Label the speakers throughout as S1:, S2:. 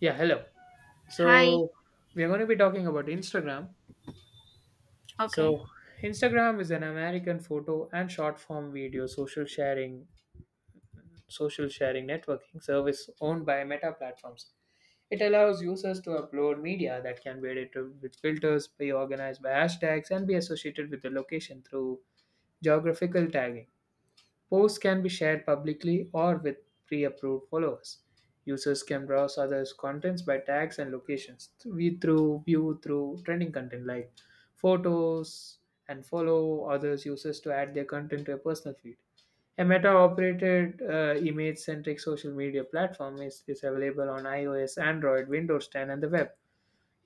S1: Yeah, hello.
S2: Hi.
S1: So, we are going to be talking about Instagram.
S2: Okay.
S1: So, Instagram is an American photo and short form video social sharing networking service owned by Meta Platforms. It allows users to upload media that can be edited with filters, be organized by hashtags, and be associated with the location through geographical tagging. Posts can be shared publicly or with pre approved followers. Users can browse others' contents by tags and locations. We through view through trending content like photos and follow others users to add their content to a personal feed. A Meta operated image centric social media platform is available on iOS, Android, Windows 10, and the web.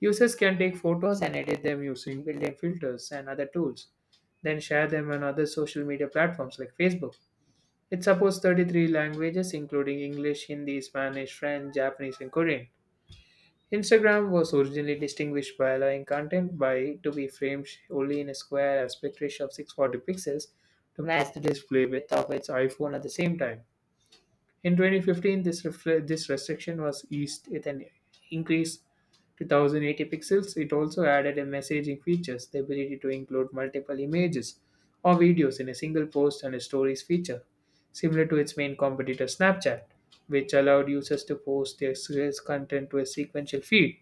S1: Users can take photos and edit them using built in filters and other tools, then share them on other social media platforms like Facebook. It supports 33 languages, including English, Hindi, Spanish, French, Japanese, and Korean. Instagram was originally distinguished by allowing content by to be framed only in a square aspect ratio of 640 pixels to match the display width of its iPhone at the same time. In 2015, this restriction was eased with an increase to 1080 pixels. It also added a messaging features, the ability to include multiple images or videos in a single post and a stories feature, similar to its main competitor Snapchat, which allowed users to post their serious content to a sequential feed,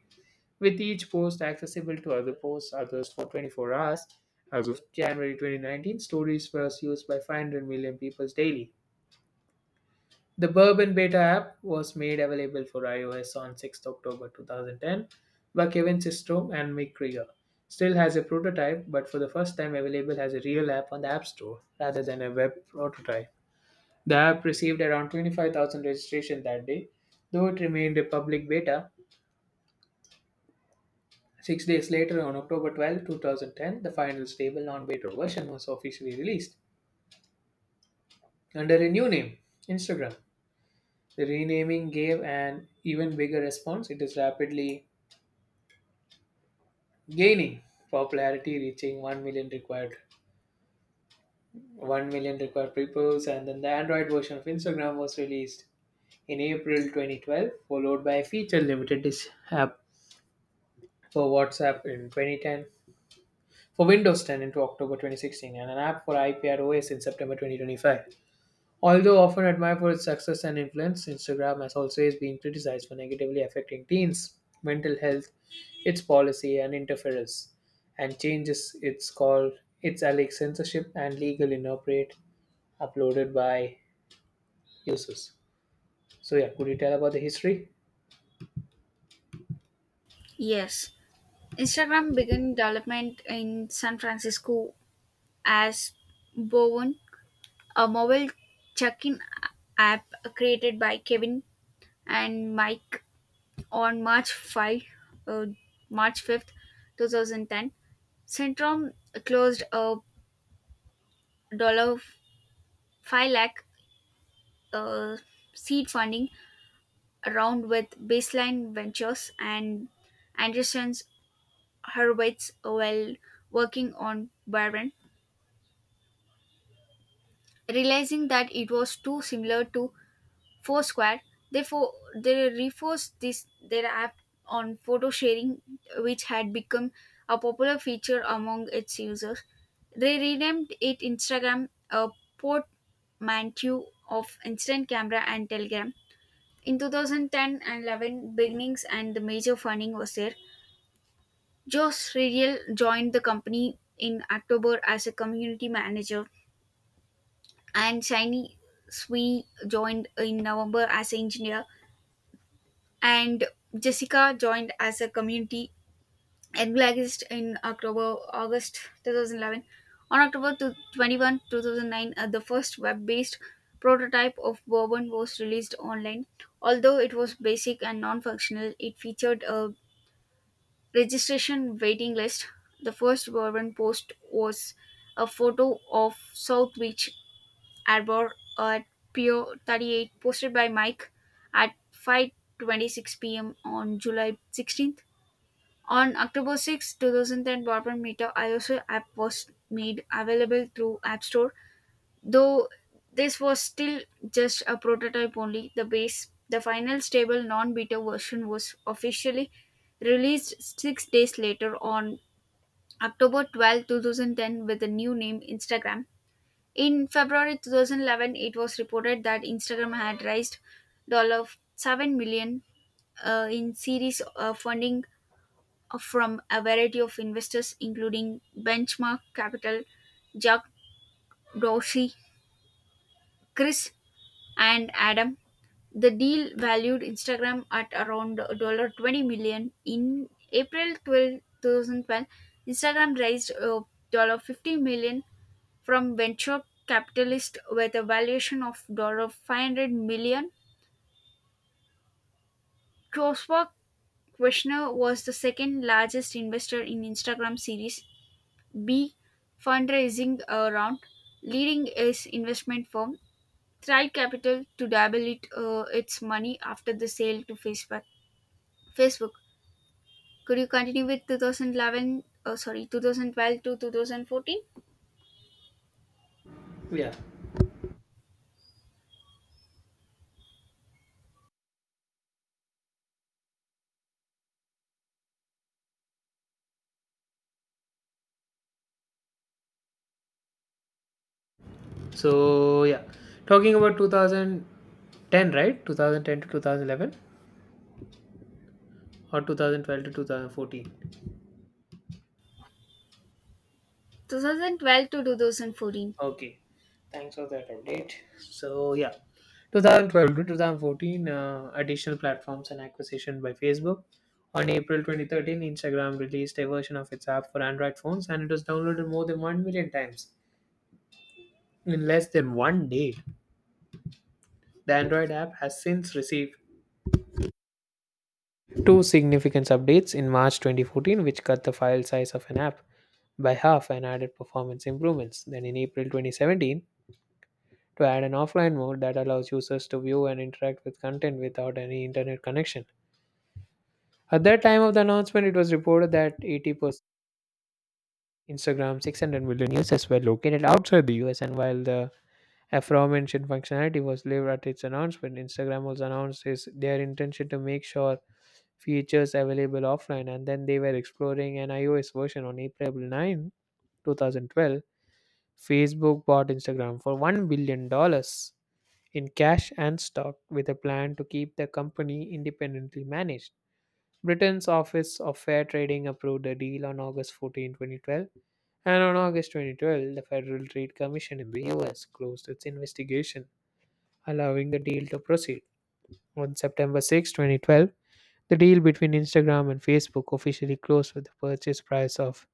S1: with each post accessible to other posts others for 24 hours. As of January 2019, stories was used by 500 million people daily. The Bourbon Beta app was made available for iOS on October 6 2010 by Kevin Systrom and Mick Krieger. Still has a prototype, but for the first time available as a real app on the App Store rather than a web prototype. The app received around 25,000 registrations that day, though it remained a public beta. 6 days later, on October 12, 2010, the final stable non beta version was officially released under a new name, Instagram. The renaming gave an even bigger response. It is rapidly gaining popularity, reaching 1 million required 1 million required pupils, and then the Android version of Instagram was released in April 2012, followed by a app for WhatsApp in 2010, for Windows 10 into October 2016, and an app for iPad OS in September 2025. Although often admired for its success and influence, Instagram has always been criticized for negatively affecting teens' mental health, its policy and interference, and changes its call its alleged censorship and legal inappropriate uploaded by users. So yeah, could you tell about the history?
S2: Yes. Instagram began development in San Francisco as Bowen, a mobile check-in app created by Kevin and Mike on March 5, uh, March 5th, 2010. Centrum closed a dollar 5 lakh uh, seed funding round with Baseline Ventures and Anderson's Hurwitz while working on Barron, realizing that it was too similar to Foursquare. Therefore, they reforced this their app on photo sharing, which had become a popular feature among its users. They renamed it Instagram, a portmanteau of instant camera and Telegram. In 2010 and 11, beginnings and the major funding was there. Josh Riedel joined the company in October as a community manager, and Shiny Sweeney joined in November as an engineer, and Jessica joined as a community evangelist in October August 2011. On October 21, 2009, the first web-based prototype of Bourbon was released online. Although it was basic and non-functional, it featured a registration waiting list. The first government post was a photo of South Beach Arbor at Pier 38 posted by Mike at 5:26 p.m. on July 16th. On October 6, 2010, Bourbon Meter iOS app was made available through App Store. Though this was still just a prototype only, the final stable non-beta version was officially released 6 days later on October 12th, two 2010, with the new name Instagram. In February 2011, it was reported that Instagram had raised $7 million in series funding from a variety of investors, including Benchmark Capital, Jack Dorsey, Chris, and Adam. The deal valued Instagram at around $20 million. In April 12th, two 2012, Instagram raised $50 million from venture capitalists with a valuation of $500 million. Troswa Kushner was the second largest investor in Instagram Series B fundraising round, leading his investment firm Thrive Capital to double its money after the sale to Facebook. Facebook. Could you continue with 2011? Sorry, 2012 to 2014.
S1: Yeah. So yeah, talking about 2010, right? 2010 to 2011 or 2012 to 2014.
S2: 2012 to 2014.
S1: Okay, thanks for that update. So yeah, 2012 to 2014, additional platforms and acquisition by Facebook. On April 2013, Instagram released a version of its app for Android phones, and it was downloaded more than 1 million times in less than 1 day. The Android app has since received two significant updates in March 2014, which cut the file size of an app by half and added performance improvements. Then in April 2017, to add an offline mode that allows users to view and interact with content without any internet connection. At that time of the announcement, it was reported that 80% Instagram's 600 million users were located outside the US, and while the aforementioned functionality was leaved at its announcement, Instagram also announced is their intention to make sure features available offline, and then they were exploring an iOS version on April 9, 2012. Facebook bought Instagram for $1 billion dollars in cash and stock, with a plan to keep the company independently managed. Britain's Office of Fair Trading approved the deal on August 14, 2012, and on August 2012, the Federal Trade Commission in the US closed its investigation, allowing the deal to proceed. On September 6, 2012, the deal between Instagram and Facebook officially closed with a purchase price of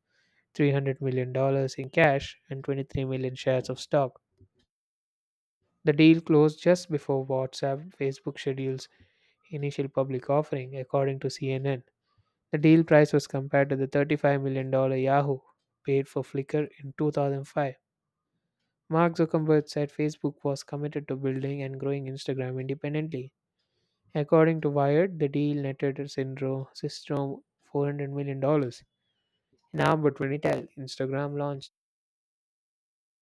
S1: $300 million dollars in cash and 23 million shares of stock. The deal closed just before WhatsApp, Facebook schedules initial public offering, according to CNN. The deal price was compared to the $35 million dollars Yahoo paid for Flickr in 2005. Mark Zuckerberg said Facebook was committed to building and growing Instagram independently. According to Wired, the deal netted Syndrome System $400 million dollars. In October 2010, Instagram launched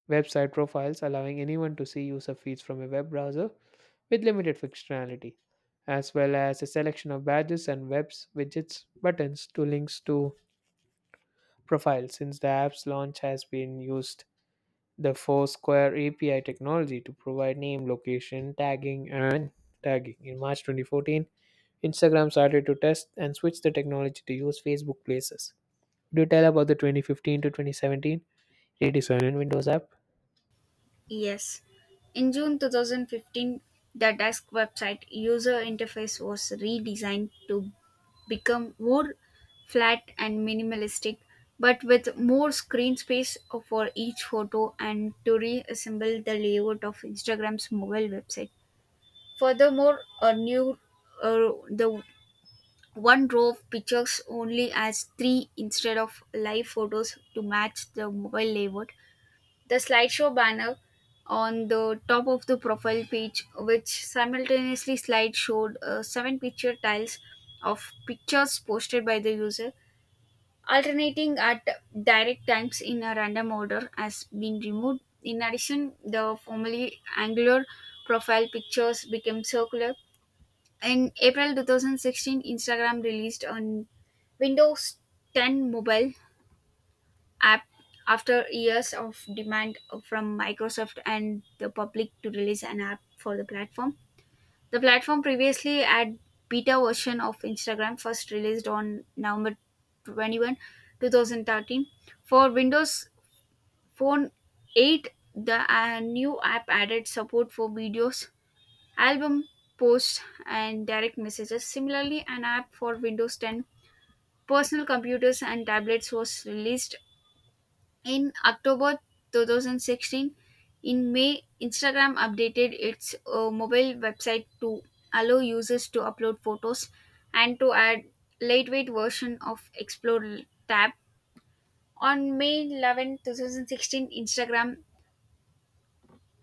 S1: website profiles allowing anyone to see user feeds from a web browser with limited functionality, as well as a selection of badges and widgets, buttons to links to profiles. Since the app's launch has been used the Foursquare API technology to provide name, location, tagging. In March 2014, Instagram started to test and switch the technology to use Facebook Places. Could you tell about the 2015 to 2017 redesign in Windows app?
S2: Yes. In June 2015, the Desk website user interface was redesigned to become more flat and minimalistic, but with more screen space for each photo and to reassemble the layout of Instagram's mobile website. Furthermore, a new the one row of pictures only as three instead of live photos to match the mobile layout the slideshow banner on the top of the profile page, which simultaneously slide showed seven picture tiles of pictures posted by the user, alternating at direct times in a random order, has been removed. In addition, the formerly angular profile pictures became circular. In April 2016, Instagram released on Windows 10 mobile app after years of demand from Microsoft and the public to release an app for the platform. The platform previously had beta version of Instagram first released on November 21, 2013. For Windows Phone 8, the new app added support for videos, album posts, and direct messages. Similarly, an app for Windows 10 personal computers and tablets was released in October 2016, in May, Instagram updated its mobile website to allow users to upload photos and to add lightweight version of Explore tab. On May 11, 2016, Instagram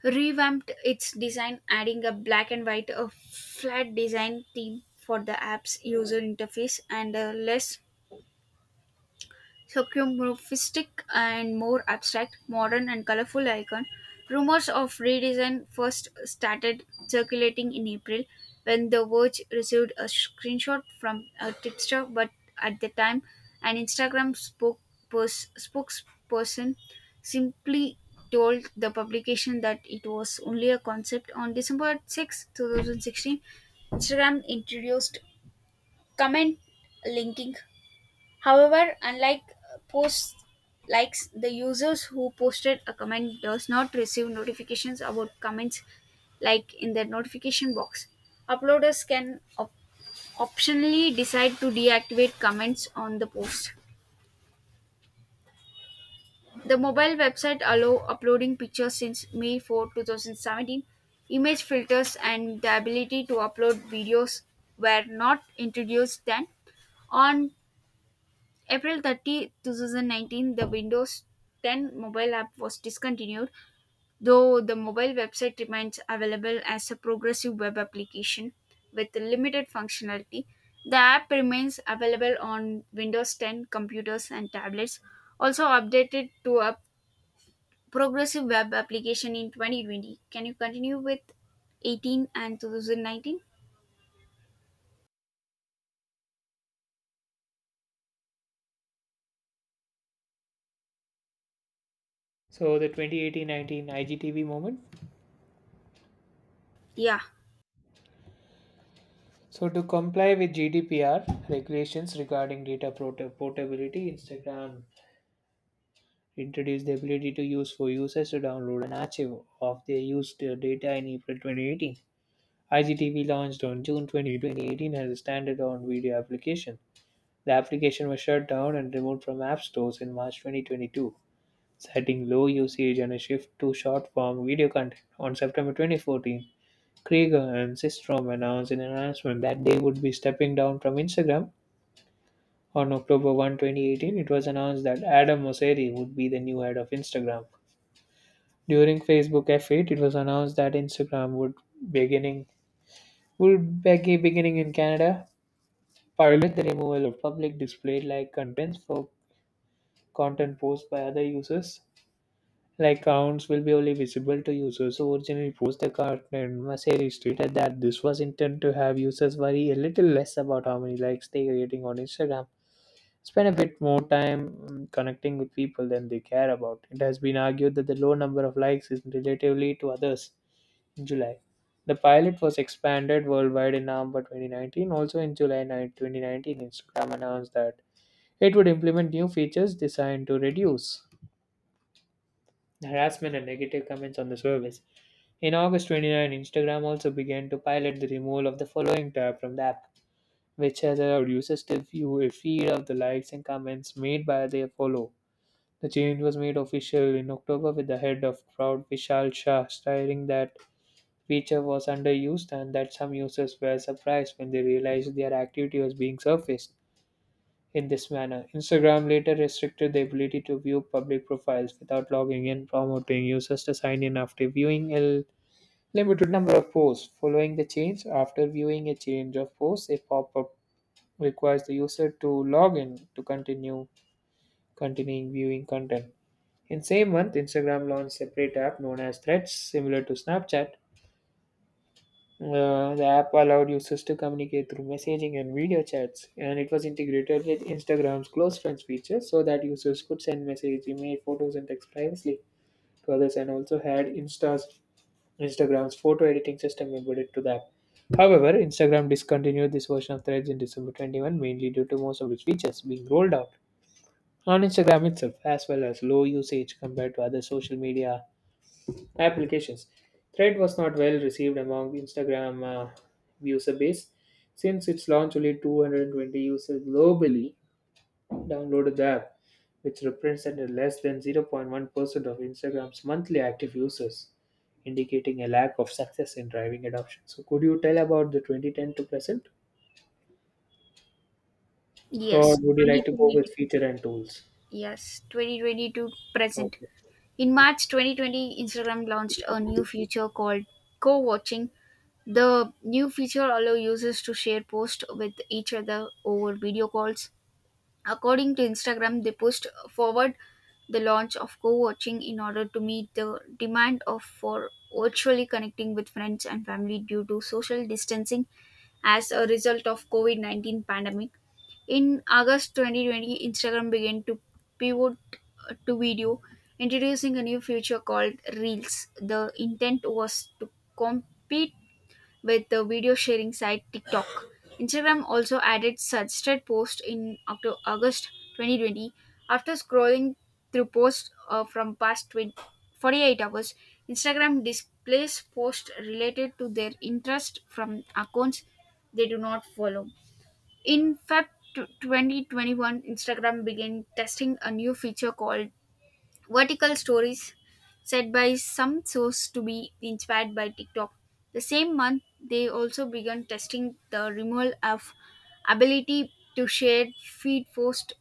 S2: revamped its design, adding a black and white flat design theme for the app's user interface and a less Sophomorphistic and more abstract, modern and colorful icon. Rumors of redesign first started circulating in April when The Verge received a screenshot from a tipster, but at the time, an Instagram spokesperson simply told the publication that it was only a concept. On December 6, 2016, Instagram introduced comment linking. However, unlike posts likes, the users who posted a comment does not receive notifications about comments like in their notification box. Uploaders can optionally decide to deactivate comments on the post. The mobile website allow uploading pictures since May 4, 2017. Image filters and the ability to upload videos were not introduced then. On April 30, 2019, the Windows 10 mobile app was discontinued, though the mobile website remains available as a progressive web application with limited functionality. The app remains available on Windows 10 computers and tablets, also updated to a progressive web application in 2020. Can you continue with 18 and 2019?
S1: So the 2018-19 IGTV moment.
S2: Yeah,
S1: So, to comply with GDPR regulations regarding portability, Instagram introduced the ability to use for users to download an archive of their used data in April 2018. IGTV launched on June 2018 as a standalone video application. The application was shut down and removed from app stores in March 2022, citing low usage and a shift to short-form video content. On September 2014, Krieger and Systrom announced in an announcement that they would be stepping down from Instagram. On October 1, 2018, it was announced that Adam Mosseri would be the new head of Instagram. During Facebook F8, it was announced that Instagram beginning would be beginning in Canada pilot the removal of public display like contents for content posts by other users. Like accounts will be only visible to users who originally post the content. Mosseri stated that this was intended to have users worry a little less about how many likes they are getting on Instagram spend a bit more time connecting with people than they care about. It has been argued that the low number of likes is relatively to others in July. The pilot was expanded worldwide in November 2019. Also in July 9, 2019, Instagram announced that it would implement new features designed to reduce harassment and negative comments on the service. In August 29, Instagram also began to pilot the removal of the following tab from the app, which has allowed users to view a feed of the likes and comments made by their follow. The change was made official in October with the head of crowd Vishal Shah stating that feature was underused and that some users were surprised when they realized their activity was being surfaced in this manner. Instagram later restricted the ability to view public profiles without logging in, promoting users to sign in after viewing a limited number of posts. Following the change, after viewing a change of posts, a pop-up requires the user to log in to continue continuing viewing content. In same month, Instagram launched separate app known as Threads, similar to Snapchat. The app allowed users to communicate through messaging and video chats, and it was integrated with Instagram's close friends feature so that users could send messages, email, photos, and text privately to others, and also had Insta's Instagram's photo editing system embedded to the app. However, Instagram discontinued this version of Threads in December 21, mainly due to most of its features being rolled out on Instagram itself, as well as low usage compared to other social media applications. Thread was not well received among Instagram user base since its launch only 220 users globally downloaded the app, which represented less than 0.1% of Instagram's monthly active users, indicating a lack of success in driving adoption. So, could you tell about the 2010 to present, or
S2: yes,
S1: would you like to go
S2: 2020.
S1: with feature and tools?
S2: Yes, 2020 to present.
S1: Okay.
S2: In March 2020, Instagram launched a new feature called co watching. The new feature allows users to share posts with each other over video calls. According to Instagram, they pushed forward the launch of co watching in order to meet the demand of for virtually connecting with friends and family due to social distancing as a result of COVID 19 pandemic. In August 2020, Instagram began to pivot to video, introducing a new feature called Reels. The intent was to compete with the video sharing site TikTok. Instagram also added suggested posts in August 2020. After scrolling through posts from past 20, 48 hours, Instagram displays posts related to their interest from accounts they do not follow. In Feb 2021, Instagram began testing a new feature called vertical stories, said by some sources to be inspired by TikTok. The same month, they also began testing the removal of ability to share feed posts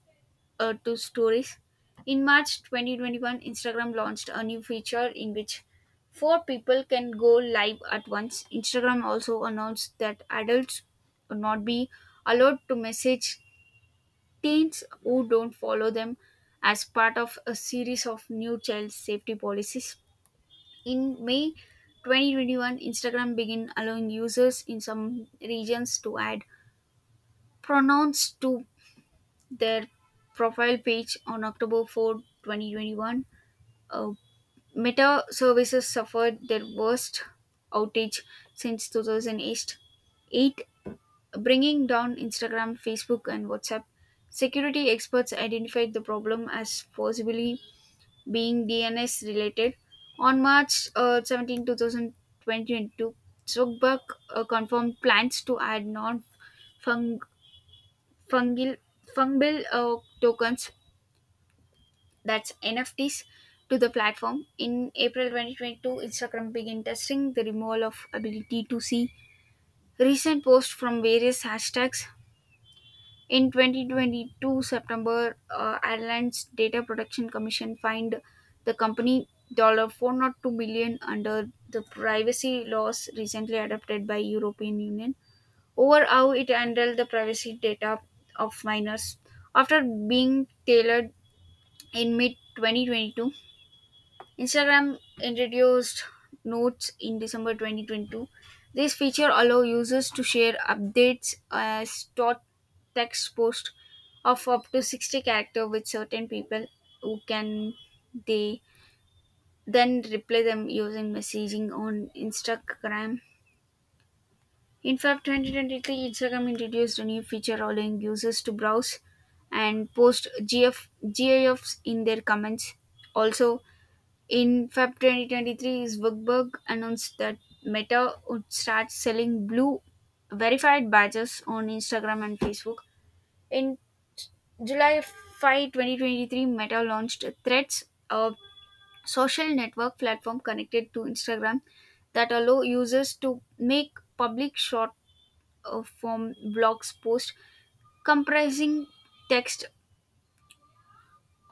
S2: to stories. In March 2021, Instagram launched a new feature in which four people can go live at once. Instagram also announced that adults will not be allowed to message teens who don't follow them as part of a series of new child safety policies. In May 2021, Instagram began allowing users in some regions to add pronouns to their profile page on October 4, 2021. Uh, Meta services suffered their worst outage since 2008, Eight, eight, bringing down Instagram, Facebook, and WhatsApp. Security experts identified the problem as possibly being DNS related. On March 17, 2022, Zuckerberg confirmed plans to add non fungible fungal fungible uh, tokens that's NFTs to the platform. In April 2022, Instagram began testing the removal of ability to see recent posts from various hashtags. In 2022 September, Ireland's Data Protection Commission fined the company $402 million dollars under the privacy laws recently adopted by European Union over how it handled the privacy data of minors after being tailored in mid 2022. Instagram introduced Notes in December 2022. This feature allows users to share updates as short text posts of up to 60 characters with certain people who can they then reply them using messaging on Instagram. In Feb 2023, Instagram introduced a new feature allowing users to browse and post GIFs in their comments. Also, in Feb 2023, Zuckerberg announced that Meta would start selling blue verified badges on Instagram and Facebook. In July 5, 2023, Meta launched Threads, a social network platform connected to Instagram that allow users to make public short form blogs post comprising text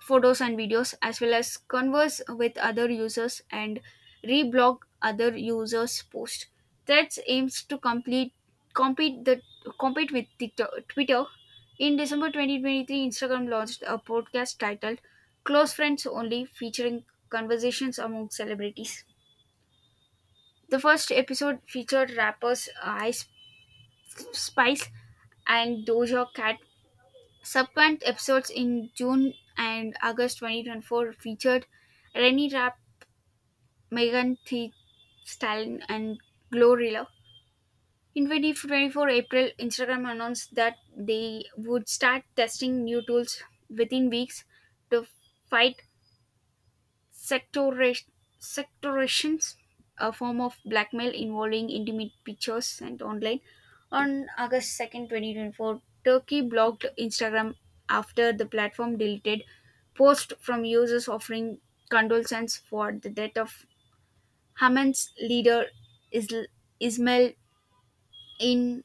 S2: photos and videos as well as converse with other users and reblog other users posts. Threads aims to complete compete the compete with TikTok, Twitter. In December 2023, Instagram launched a podcast titled Close Friends Only, featuring conversations among celebrities. The first episode featured rappers Ice Spice and Doja Cat. Subsequent episodes in June and August 2024 featured Renny Rapp, Megan Thee Stallion, and Glorilla. In 2024 April, Instagram announced that they would start testing new tools within weeks to fight Sectora- sectorations, a form of blackmail involving intimate pictures sent online. On August 2nd, 2024, Turkey blocked Instagram after the platform deleted posts from users offering condolences for the death of Haman's leader Isl- Ismail in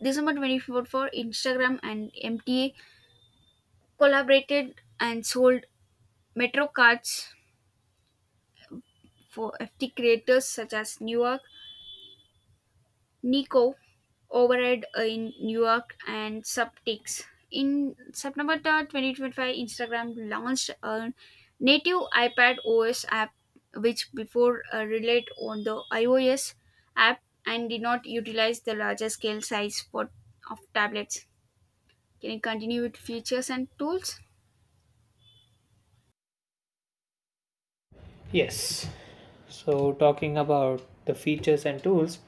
S2: December 2024. Instagram and MTA collaborated and sold Metro cards for FT creators such as Newark Nico override in New York and Subtix. In September 2025, Instagram launched a native iPad OS app, which before relied on the iOS app and did not utilize the larger scale size of tablets. Can you continue with features and tools?
S1: Yes. So, talking about the features and tools,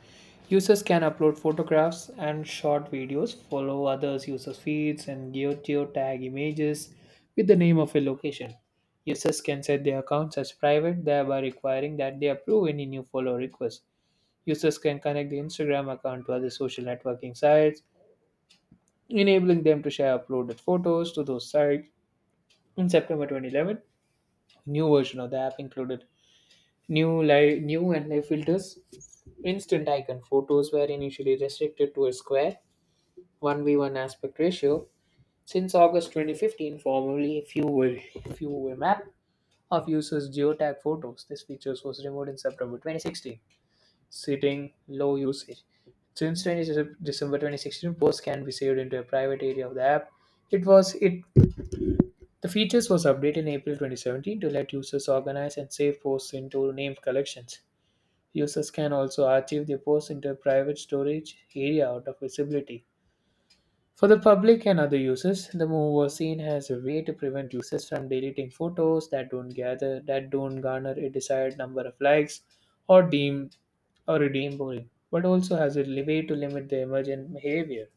S1: users can upload photographs and short videos, follow others' users' feeds, and geotag images with the name of a location. Users can set their accounts as private, thereby requiring that they approve any new follow requests. Users can connect the Instagram account to other social networking sites, enabling them to share uploaded photos to those sites. In September 2011, new version of the app included new and live filters, instant icon photos were initially restricted to a square one by one aspect ratio. Since August 2015, few were map of users geotag photos. This feature was removed in September 2016, citing low usage. Since December 2016, posts can be saved into a private area of the app. It was it the features was updated in April 2017 to let users organize and save posts into named collections. Users can also archive their posts into a private storage area out of visibility. For the public and other users, the move was seen as a way to prevent users from deleting photos that don't gather that don't garner a desired number of likes or deem boring, but also as a way to limit the emergent behavior.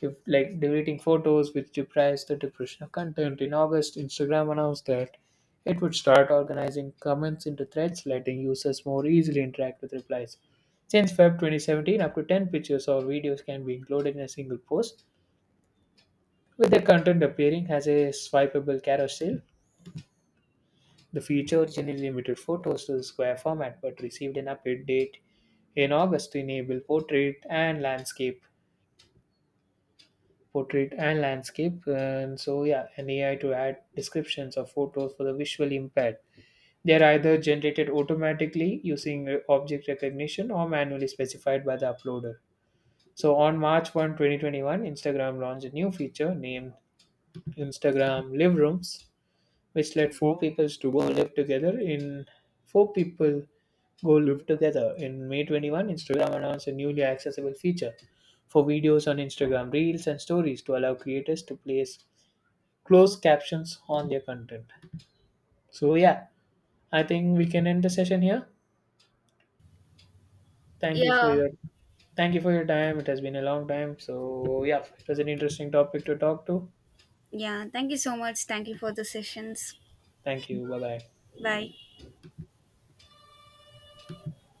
S1: Deleting photos which deprives the depression of content. In August, Instagram announced that it would start organizing comments into threads, letting users more easily interact with replies. Since Feb 2017, up to 10 pictures or videos can be included in a single post, with the content appearing as a swipeable carousel. The feature generally limited photos to the square format but received an update date in August to enable portrait and landscape. And so, yeah, an AI to add descriptions of photos for the visually impaired. They are either generated automatically using object recognition or manually specified by the uploader. So, on March 1, 2021, Instagram launched a new feature named Instagram Live Rooms, which let four people go live together. In May 21, Instagram announced a newly accessible feature for videos on Instagram Reels and Stories to allow creators to place closed captions on their content. So yeah, I think we can end the session here. Thank you for
S2: Yeah.
S1: your Thank you for your time. It has been a long time. So yeah, it was an interesting topic to talk to.
S2: Yeah. Thank you so much. Thank you for the sessions.
S1: Thank you. Bye bye.
S2: Bye.